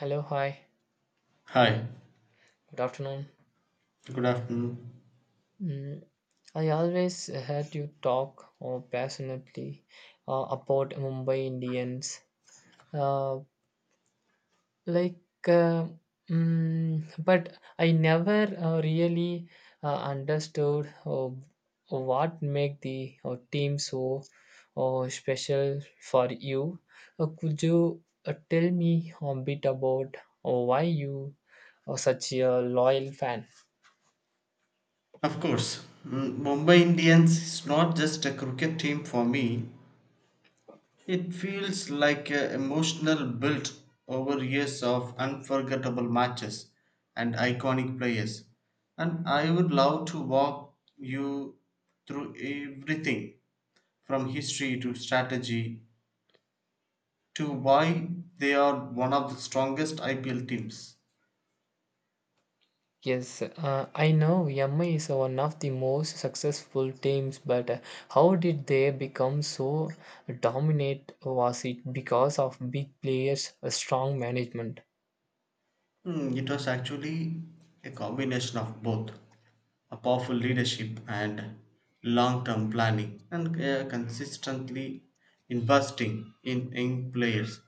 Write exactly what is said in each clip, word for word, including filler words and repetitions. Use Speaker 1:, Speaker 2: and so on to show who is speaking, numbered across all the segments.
Speaker 1: Hello, hi,
Speaker 2: Hi,
Speaker 1: good afternoon.
Speaker 2: good afternoon.
Speaker 1: Mm, I always heard you talk uh, passionately uh, about Mumbai Indians, uh, like, uh, mm, but I never uh, really uh, understood uh, what make the uh, team so uh, special for you. Uh, could you uh, tell me a bit about uh, why you are such a loyal fan?
Speaker 2: Of course, mm, Mumbai Indians is not just a cricket team for me. It feels like an emotional build over years of unforgettable matches and iconic players. And I would love to walk you through everything from history to strategy to why they are one of the strongest I P L teams.
Speaker 1: Yes, uh, I know M I is one of the most successful teams, but uh, how did they become so dominant? Was it because of big players, a strong management?
Speaker 2: Hmm, it was actually a combination of both. A powerful leadership and long-term planning and uh, consistently investing in young players.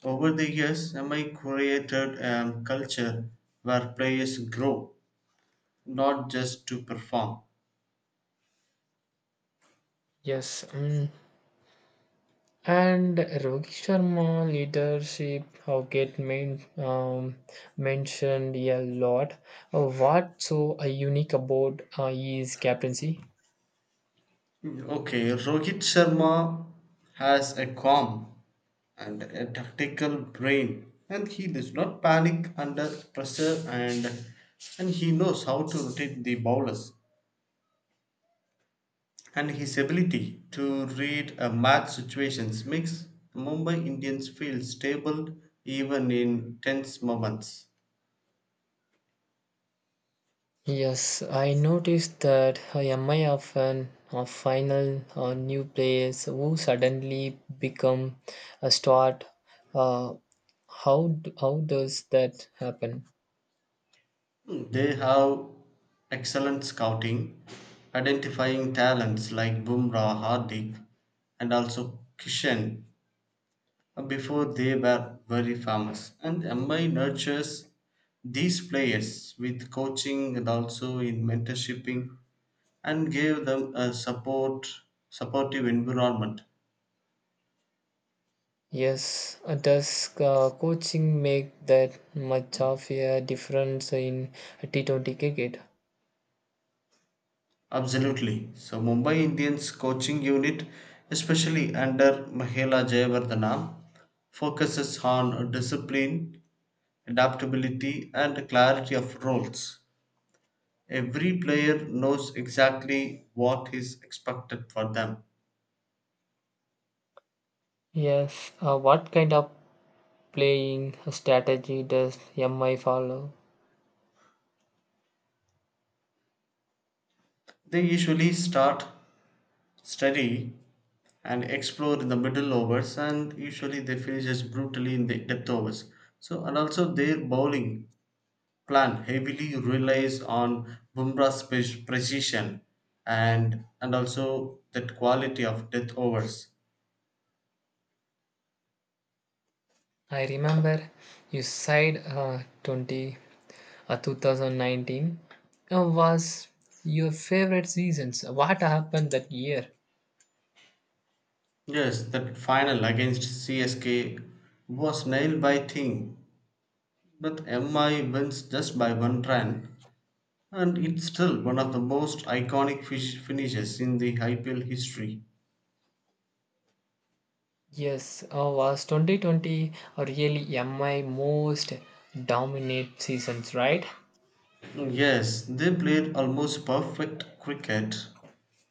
Speaker 2: Over the years, M I created a culture where players grow, not just to perform.
Speaker 1: Yes, mm. And Rohit Sharma leadership how get main, um, mentioned a lot. Uh, What so uh, unique about uh, his captaincy?
Speaker 2: Okay, Rohit Sharma has a calm and a tactical brain and he does not panic under pressure and and he knows how to rotate the bowlers and his ability to read a match situations makes Mumbai Indians feel stable even in tense moments.
Speaker 1: Yes, I noticed that am I often a final or new players who suddenly become a start. Uh, how d- how does that happen?
Speaker 2: Hmm, They have excellent scouting, identifying talents like Bumrah, Hardik, and also Kishan before they were very famous. And M I nurtures these players with coaching and also in mentorshiping and gave them a support supportive environment.
Speaker 1: Yes, uh, does uh, coaching make that much of a difference in T twenty cricket?
Speaker 2: Absolutely. So Mumbai Indians coaching unit, especially under Mahela Jayawardena, focuses on discipline, adaptability, and clarity of roles. Every player knows exactly what is expected for them.
Speaker 1: Yes, uh, what kind of playing strategy does M I follow?
Speaker 2: They usually start steady and explore in the middle overs, and usually they finish just brutally in the depth overs. So and also their bowling plan heavily relies on Bumrah's pe- precision and and also that quality of death overs.
Speaker 1: I remember you said uh, 20 uh, twenty nineteen uh, was your favorite seasons. What happened that year?
Speaker 2: Yes, that final against C S K was nailed by Thing, but M I wins just by one run, and it's still one of the most iconic fish finishes in the I P L history.
Speaker 1: Yes, uh, was twenty twenty really uh, my most dominant seasons, right?
Speaker 2: Yes, they played almost perfect cricket,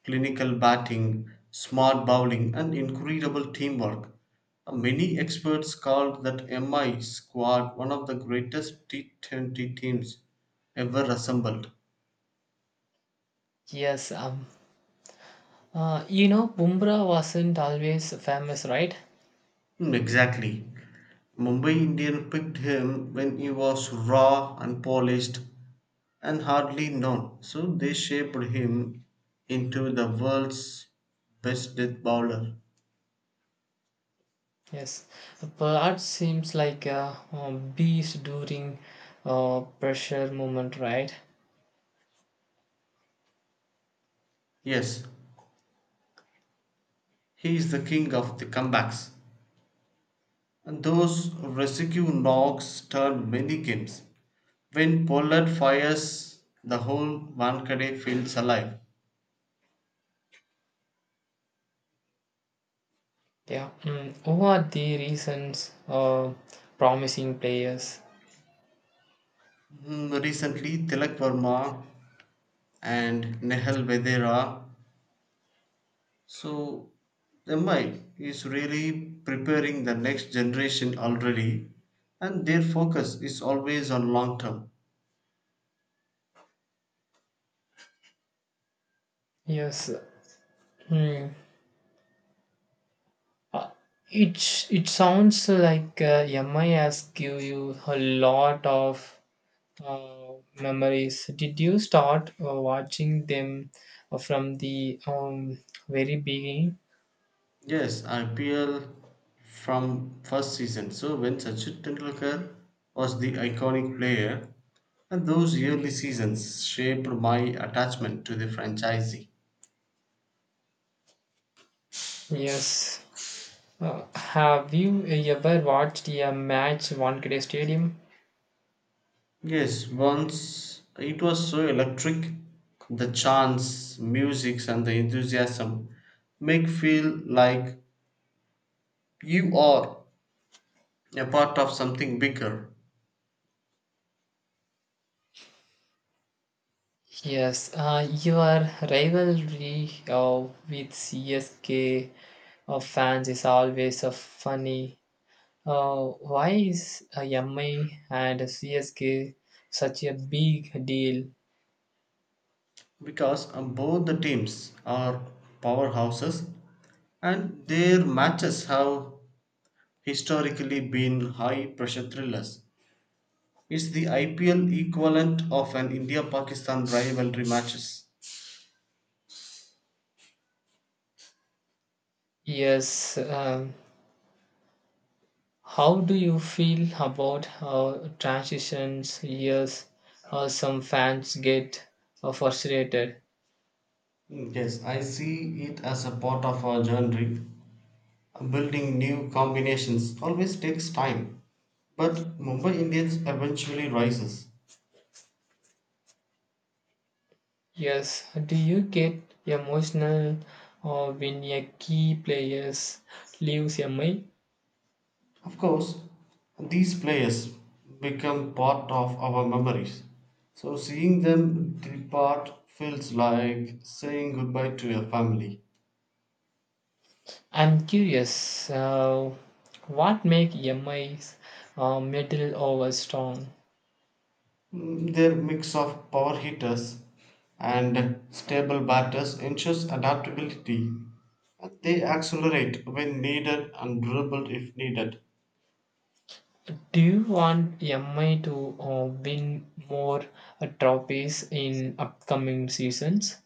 Speaker 2: clinical batting, smart bowling, and incredible teamwork. Uh, Many experts called that M I squad one of the greatest T twenty teams ever assembled.
Speaker 1: Yes, um, uh, you know, Bumrah wasn't always famous, right?
Speaker 2: Hmm, Exactly. Mumbai Indian picked him when he was raw, unpolished, and hardly known. So they shaped him into the world's best death bowler.
Speaker 1: Yes, but seems like a, um beast during uh, pressure moment, right?
Speaker 2: Yes, he is the king of the comebacks. And those rescue knocks turn many games. When Pollard fires, the whole Wankhede feels alive.
Speaker 1: Yeah. Mm. What are the reasons uh, promising players?
Speaker 2: Mm, Recently, Tilak Verma and Nehal Vedera. So, M I is really preparing the next generation already, and their focus is always on long term.
Speaker 1: Yes, Hmm. Uh, It it sounds like uh, M I has give you a lot of uh, memories. Did you start uh, watching them uh, from the um, very beginning?
Speaker 2: Yes, I P L from first season. So when Sachin Tendulkar was the iconic player, and those early seasons shaped my attachment to the franchisee.
Speaker 1: Yes. Uh, have you ever watched a match Wankhede Stadium?
Speaker 2: Yes, once it was so electric, the chants, music, and the enthusiasm make feel like you are a part of something bigger.
Speaker 1: Yes. Uh, your rivalry uh, with C S K of fans is always uh, funny. Uh, why is uh, M I and C S K such a big deal?
Speaker 2: Because um, both the teams are powerhouses and their matches have historically been high pressure thrillers. It's the I P L equivalent of an India Pakistan rivalry matches.
Speaker 1: Yes. Um, how do you feel about uh, transitions? Yes. Uh, some fans get uh, frustrated.
Speaker 2: Mm, Yes, I see it as a part of our journey. Building new combinations always takes time, but Mumbai Indians eventually rises.
Speaker 1: Yes. Do you get emotional uh, when a key players leaves M I?
Speaker 2: Of course, these players become part of our memories. So seeing them depart feels like saying goodbye to your family.
Speaker 1: I'm curious. Uh, what makes M I's uh, middle over strong?
Speaker 2: Mm, Their mix of power hitters and stable batters ensures adaptability. They accelerate when needed and dribble if needed.
Speaker 1: Do you want M I to uh, win more uh, trophies in upcoming seasons?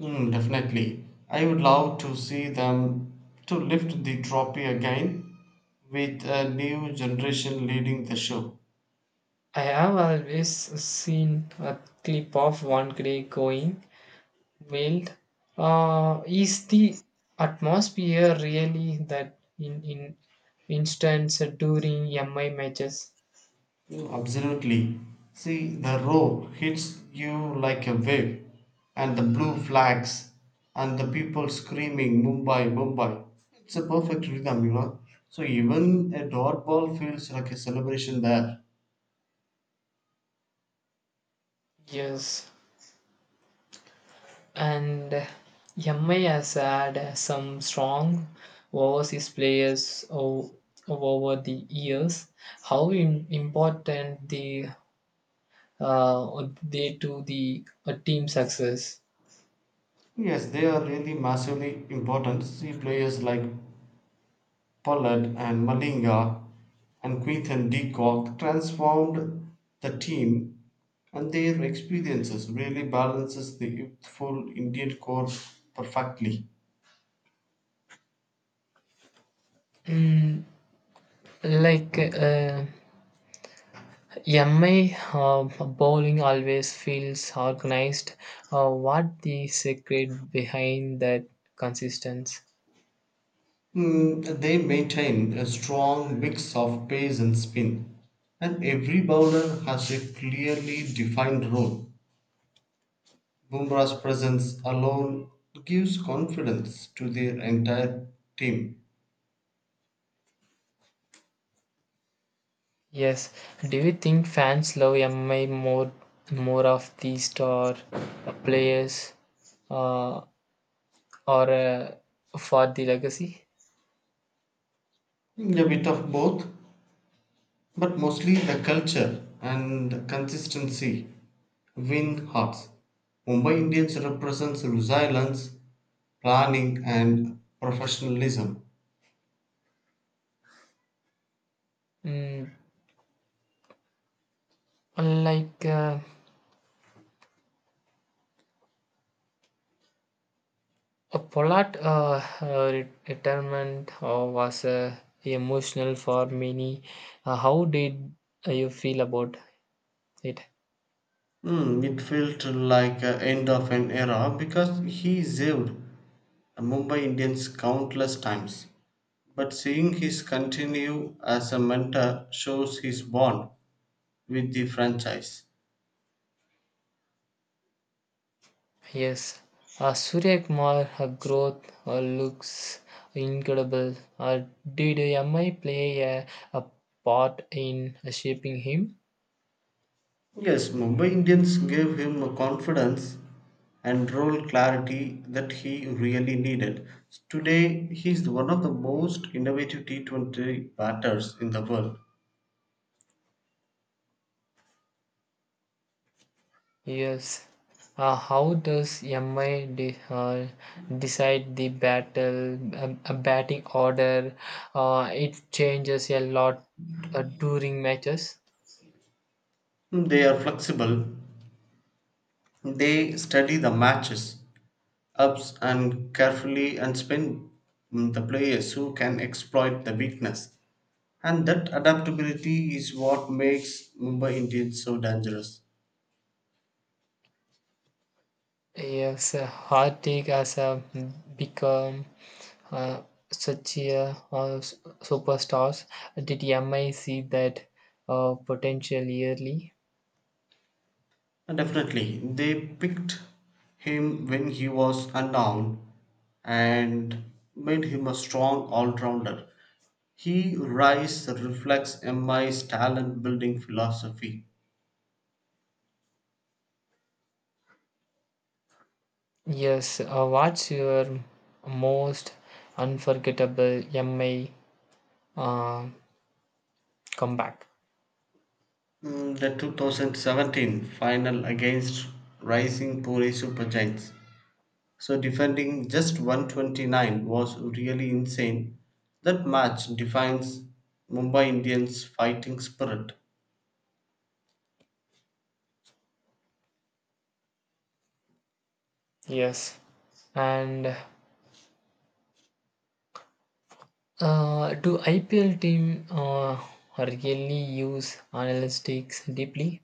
Speaker 2: Mm, definitely. I would love to see them to lift the trophy again with a new generation leading the show.
Speaker 1: I have always seen a clip of one day going wild. Uh, is the atmosphere really that in in instance during M I matches?
Speaker 2: Mm, Absolutely. See, the rope hits you like a wave, and the blue flags, and the people screaming, Mumbai, Mumbai. It's a perfect rhythm, you know. So even a dot ball feels like a celebration there.
Speaker 1: Yes. And M I has had some strong overseas players o- over the years. How im- important the uh, they to the uh, team success?
Speaker 2: Yes, they are really massively important. See, players like Pollard and Malinga and Quinton de Kock transformed the team and their experiences really balances the youthful Indian core perfectly.
Speaker 1: Mm, like uh, M I uh, bowling always feels organized. Uh, what the secret behind that consistency?
Speaker 2: Mm, they maintain a strong mix of pace and spin, and every bowler has a clearly defined role. Bumrah's presence alone gives confidence to their entire team.
Speaker 1: Yes. Do you think fans love M I more more of the star players uh, or uh, for the legacy?
Speaker 2: A bit of both. But mostly the culture and consistency win hearts. Mumbai Indians represents resilience, planning, and professionalism.
Speaker 1: Mm, like uh, a Pollard uh, uh, re- retirement uh, was uh, emotional for many. Uh, how did you feel about it?
Speaker 2: Hmm, it felt like a end of an era because he saved Mumbai Indians countless times. But seeing his continue as a mentor shows his bond with the franchise.
Speaker 1: Yes, uh, Surya Kumar, her growth uh, looks incredible. Uh, did M I play a, a part in shaping him?
Speaker 2: Yes, Mumbai Indians gave him a confidence and role clarity that he really needed. Today, he is one of the most innovative T twenty batters in the world.
Speaker 1: Yes. Uh, how does M I de- uh, decide the battle, um, a batting order? Uh, it changes a lot uh, during matches.
Speaker 2: They are flexible, they study the matches, ups and carefully, and spin mm, the players who can exploit the weakness. And that adaptability is what makes Mumbai Indians so dangerous.
Speaker 1: Yes, a hot take has uh, become uh, such a uh, s- superstars. Did M I see that uh, potential yearly?
Speaker 2: Uh, Definitely, they picked him when he was unknown and made him a strong all-rounder. He rise reflects M I's talent building philosophy.
Speaker 1: Yes, uh, what's your most unforgettable M I uh, comeback?
Speaker 2: Mm, The twenty seventeen final against Rising Pune Super Giants. So defending just one hundred twenty-nine was really insane. That match defines Mumbai Indians' fighting spirit.
Speaker 1: Yes, and uh, do I P L team uh, really use analytics deeply?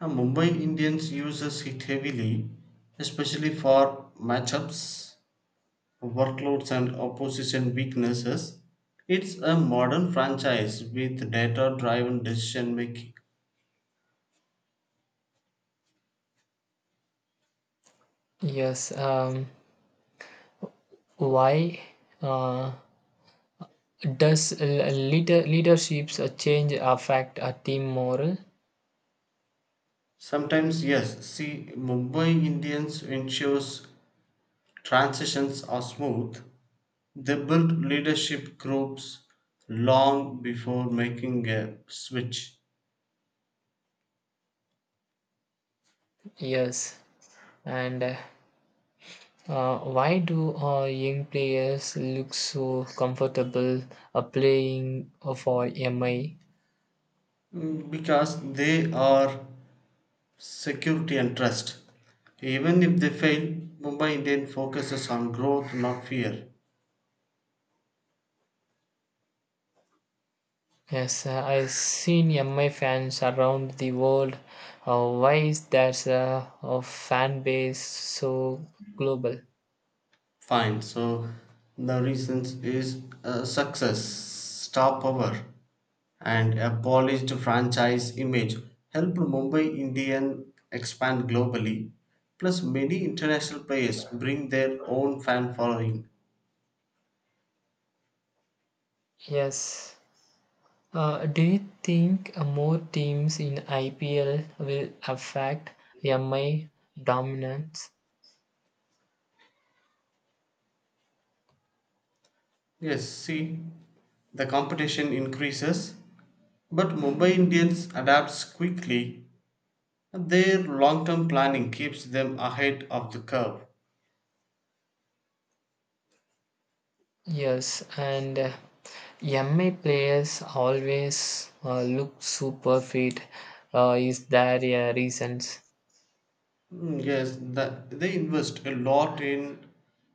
Speaker 2: Now, Mumbai Indians uses it heavily, especially for matchups, workloads, and opposition weaknesses. It's a modern franchise with data driven decision making.
Speaker 1: Yes, um, why? Uh, Does l- leader, leadership's a change affect a team moral?
Speaker 2: Sometimes, yes, see, Mumbai Indians ensures transitions are smooth. They build leadership groups long before making a switch.
Speaker 1: Yes. And uh, uh, why do uh, young players look so comfortable uh, playing uh, for M I?
Speaker 2: Mm, because they are security and trust. Even if they fail, Mumbai Indian focuses on growth, not fear.
Speaker 1: Yes, uh, I've seen M I fans around the world. Uh, why is there a, a fan base so global?
Speaker 2: Fine. So the reasons is uh, success, star power, and a polished franchise image helped Mumbai Indian expand globally. Plus, many international players bring their own fan following.
Speaker 1: Yes. Uh, do you think uh, more teams in I P L will affect M I dominance?
Speaker 2: Yes, see, the competition increases, but Mumbai Indians adapts quickly. Their long term planning keeps them ahead of the curve.
Speaker 1: Yes, and uh, M I players always uh, look super fit. Uh, is there a reason?
Speaker 2: Mm, Yes, that they invest a lot in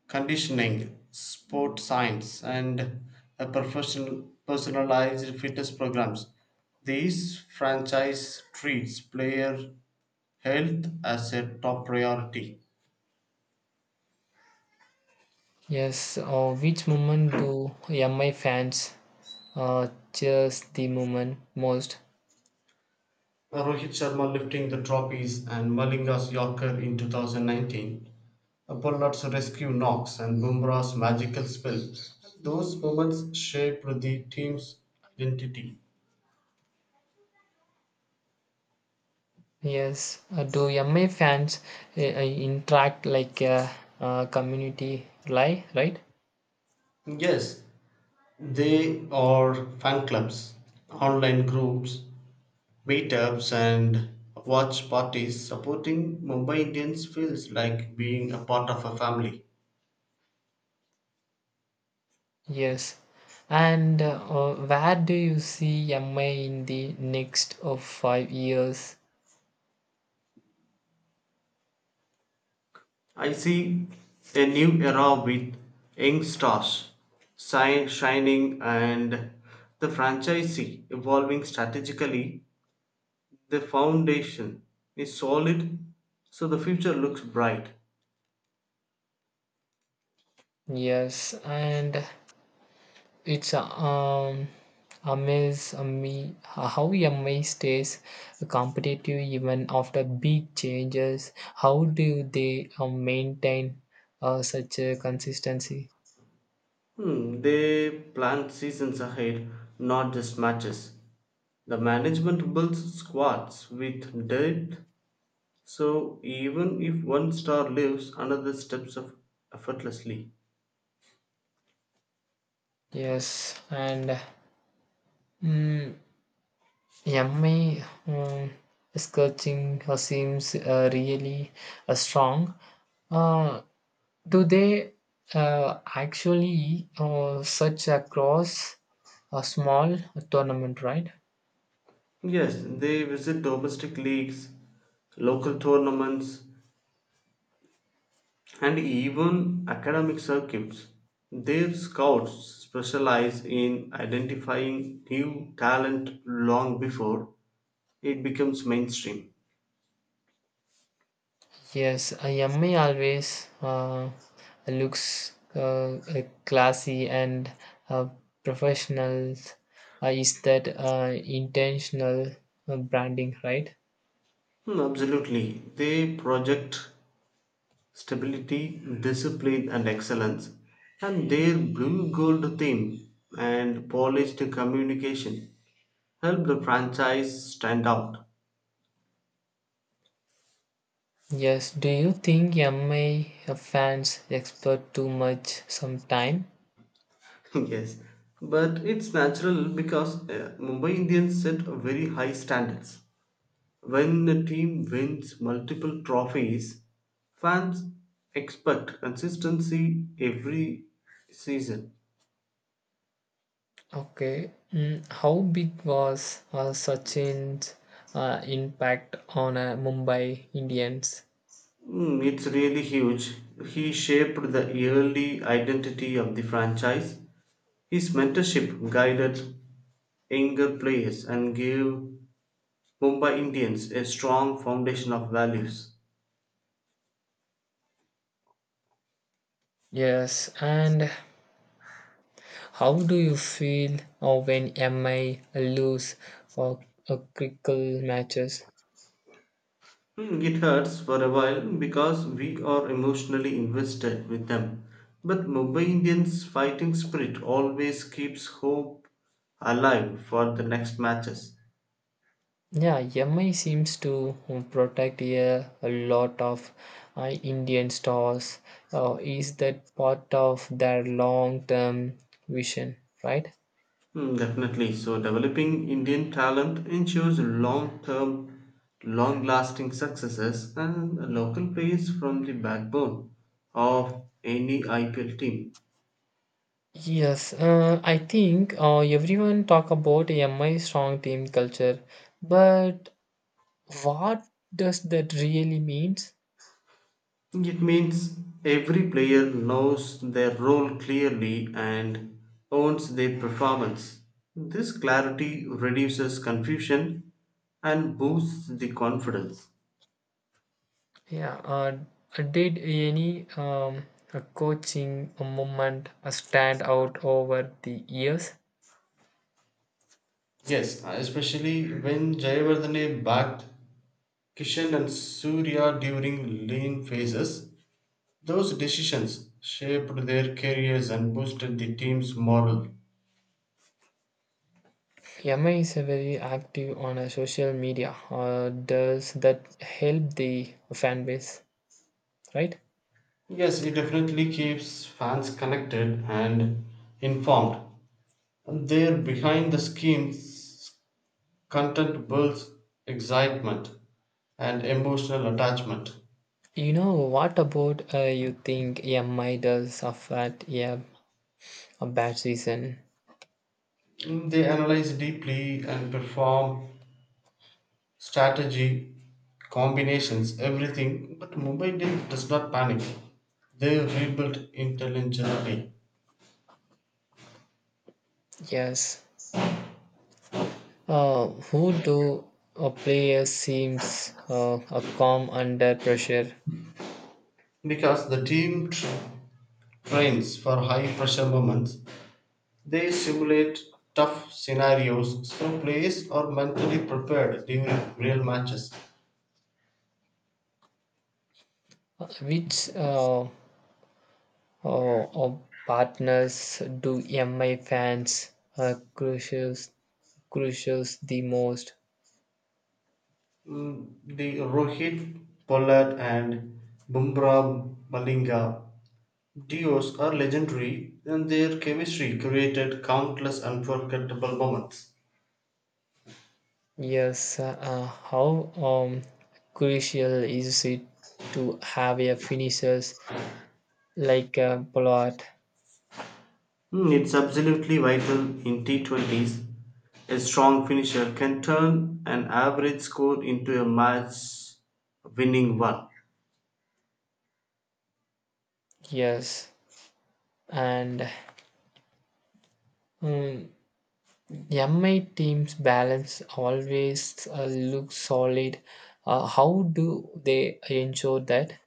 Speaker 2: conditioning, sport science, and a professional personalized fitness programs. These franchise treats player health as a top priority.
Speaker 1: Yes, uh, which moment do M I fans uh, cheers the moment most?
Speaker 2: Rohit Sharma lifting the trophies and Malinga's Yorker in two thousand nineteen Upernut's rescue knocks and Bumrah's magical spell. Those moments shaped the team's identity.
Speaker 1: Yes, uh, do M I fans uh, uh, interact like a, uh community, li- right?
Speaker 2: Yes, they are fan clubs, online groups, meetups, and watch parties. Supporting Mumbai Indians feels like being a part of a family.
Speaker 1: Yes. And uh, uh, where do you see M I in the next of five years?
Speaker 2: I see a new era with young stars shi- shining and the franchisee evolving strategically, the foundation is solid, so the future looks bright.
Speaker 1: Yes, and it's uh, um amaze me how M I stays competitive even after big changes. How do they uh, maintain uh, such a consistency?
Speaker 2: Hmm, they plan seasons ahead, not just matches. The management builds squads with depth, so even if one star leaves another steps up effortlessly.
Speaker 1: Yes, and mm Yummy um, sculpting uh, seems uh, really uh, strong. Uh, do they uh, actually uh, such across a small tournament, right?
Speaker 2: Yes, they visit domestic leagues, local tournaments, and even academic circuits. Their scouts specialize in identifying new talent long before it becomes mainstream.
Speaker 1: Yes, a yummy always uh, looks uh, uh, classy and uh, professional. Uh, is that uh, intentional uh, branding, right?
Speaker 2: Hmm, Absolutely. They project stability, discipline, and excellence. And their blue gold theme and polished communication help the franchise stand out.
Speaker 1: Yes, do you think M I fans expect too much sometime?
Speaker 2: Yes, but it's natural because uh, Mumbai Indians set very high standards. When the team wins multiple trophies, fans expect consistency every season.
Speaker 1: Okay, mm, how big was uh, Sachin's uh, impact on uh, Mumbai Indians?
Speaker 2: Mm, it's really huge. He shaped the early identity of the franchise. His mentorship guided younger players and gave Mumbai Indians a strong foundation of values.
Speaker 1: Yes, and how do you feel uh, when M I lose uh, uh, critical matches?
Speaker 2: Hmm, It hurts for a while because we are emotionally invested with them. But Mumbai Indians' fighting spirit always keeps hope alive for the next matches.
Speaker 1: Yeah, M I seems to protect a, a lot of uh, Indian stars. Uh, is that part of their long term vision, right?
Speaker 2: Hmm, definitely. So, developing Indian talent ensures long term, long lasting successes and local players from the backbone of any I P L team.
Speaker 1: Yes, uh, I think uh, everyone talk about M I strong team culture, but what does that really means?
Speaker 2: It means every player knows their role clearly and owns their performance. This clarity reduces confusion and boosts the confidence.
Speaker 1: Yeah, uh, did any um, a coaching moment stand out over the years?
Speaker 2: Yes, especially when Jayavardhane backed Kishan and Surya during lean phases, those decisions shaped their careers and boosted the team's morale.
Speaker 1: Emma is a very active on a social media. Uh, does that help the fan base, right?
Speaker 2: Yes, it definitely keeps fans connected and informed. And there, behind the scheme's content builds excitement and emotional attachment.
Speaker 1: You know what about uh, you think Emma does affect yeah a bad season?
Speaker 2: Mm, They analyze deeply and perform strategy, combinations, everything. But Mumbai did, does not panic. They rebuilt intelligently.
Speaker 1: Yes. Uh, who do a player seems uh, a calm under pressure?
Speaker 2: Because the team tr- trains for high pressure moments. They simulate tough scenarios, so players are mentally prepared during real matches.
Speaker 1: Which uh, uh, uh, partners do M I fans uh, crucials crucials the most?
Speaker 2: Mm, The Rohit, Pollard, and Bumrah Malinga duos are legendary, and their chemistry created countless unforgettable moments.
Speaker 1: Yes, uh, how um, crucial is it to have a finishers like a plot?
Speaker 2: Mm, It's absolutely vital in T twenties. A strong finisher can turn an average score into a match winning one.
Speaker 1: Yes, and um, M I team's balance always uh, looks solid. Uh, how do they ensure that?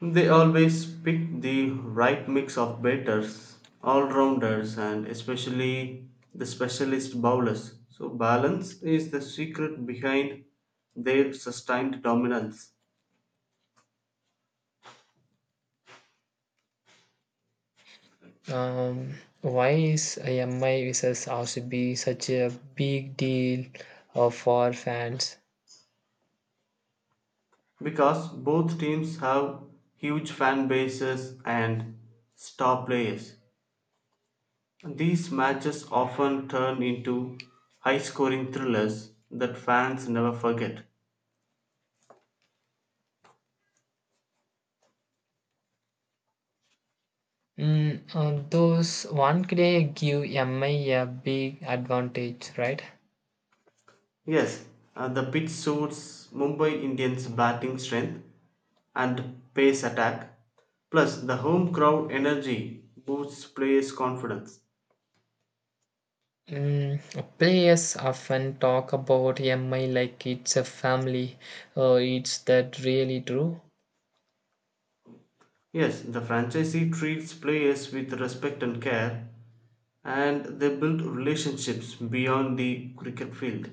Speaker 2: They always pick the right mix of batters, all rounders, and especially the specialist bowlers. So, balance is the secret behind their sustained dominance,
Speaker 1: Um, why is M I versus R C B such a big deal uh, for fans?
Speaker 2: because both teams have huge fan bases and star players. These matches often turn into high scoring thrillers that fans never forget.
Speaker 1: Mm, uh, those one play give M I a big advantage, right?
Speaker 2: Yes, uh, the pitch suits Mumbai Indians' batting strength and pace attack. Plus, the home crowd energy boosts players' confidence.
Speaker 1: Mm, Players often talk about M I like it's a family. Uh, is that really true?
Speaker 2: Yes, the franchisee treats players with respect and care, and they build relationships beyond the cricket field.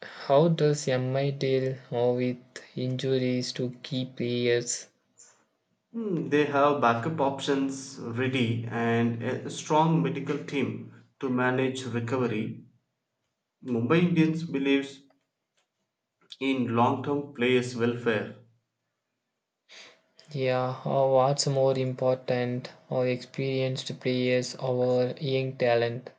Speaker 1: How does M I deal uh, with injuries to key players?
Speaker 2: Hmm, They have backup options ready and a strong medical team to manage recovery. Mumbai Indians believes in long-term players' welfare.
Speaker 1: Yeah, or what's more important, or experienced players or young talent?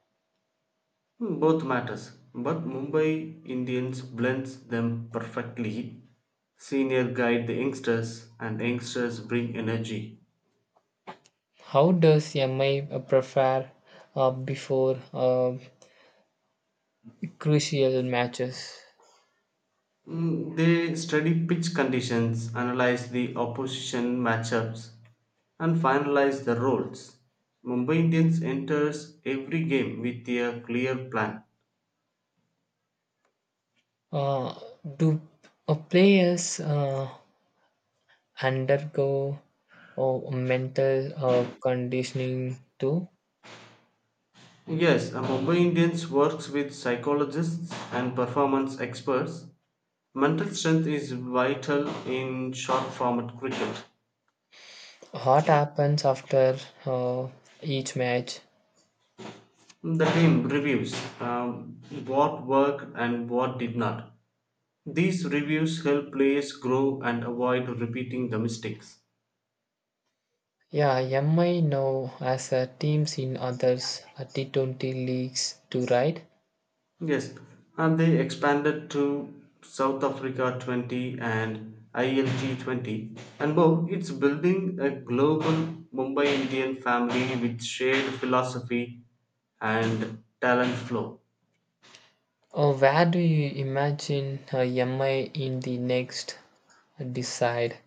Speaker 2: Hmm, Both matters, but Mumbai Indians blends them perfectly. Senior guide the youngsters, and youngsters bring energy.
Speaker 1: How does M I prepare uh, before uh, crucial matches.
Speaker 2: Mm, They study pitch conditions, analyze the opposition matchups, and finalize the roles. Mumbai Indians enters every game with a clear plan.
Speaker 1: Uh, do uh, players uh, undergo uh, mental uh, conditioning too?
Speaker 2: Yes, a Mumbai Indians works with psychologists and performance experts. Mental strength is vital in short format cricket.
Speaker 1: What happens after uh, each match?
Speaker 2: The team reviews um, what worked and what did not. These reviews help players grow and avoid repeating the mistakes.
Speaker 1: Yeah, M I now as a teams in others uh, T twenty leagues to ride.
Speaker 2: Yes, and they expanded to South Africa twenty and I L T twenty. And Bo, it's building a global Mumbai Indian family with shared philosophy and talent flow.
Speaker 1: Uh, where do you imagine uh, M I in the next decide?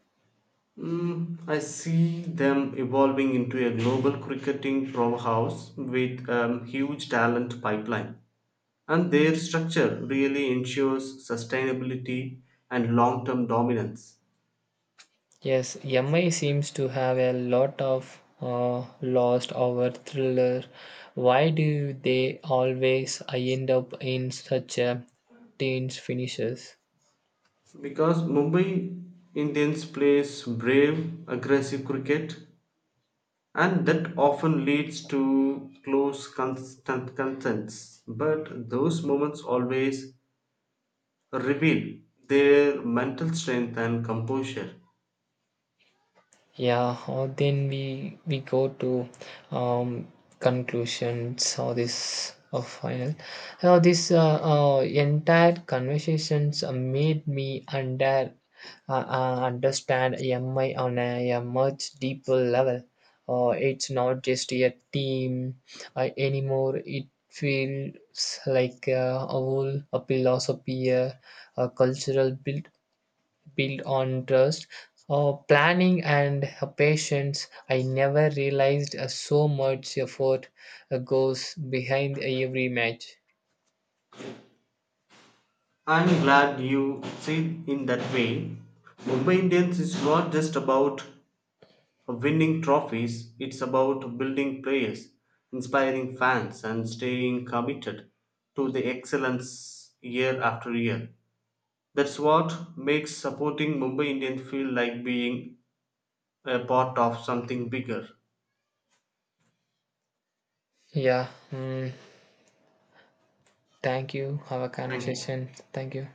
Speaker 2: Mm, I see them evolving into a global cricketing powerhouse with a huge talent pipeline, and their structure really ensures sustainability and long term dominance.
Speaker 1: Yes, M I seems to have a lot of uh, lost over thriller. Why do they always end up in such a tense finishes?
Speaker 2: Because Mumbai Indians plays brave, aggressive cricket, and that often leads to close constant contents. But those moments always reveal their mental strength and composure.
Speaker 1: Yeah, or then we we go to um, conclusions or this or final. Now this uh, uh, entire conversations uh, made me under uh, uh, understand M I on a, a much deeper level. Uh, it's not just a team uh, anymore. It feels like uh, a whole a philosophy, a, a cultural build built on trust, uh, planning, and uh, patience. I never realized uh, so much effort uh, goes behind every match.
Speaker 2: I'm glad you see it in that way. Mumbai Indians is not just about winning trophies, it's about building players, inspiring fans, and staying committed to the excellence year after year. That's what makes supporting Mumbai Indians feel like being a part of something bigger.
Speaker 1: Yeah, mm, thank you. Have a
Speaker 2: Thank you.
Speaker 1: conversation. Thank you.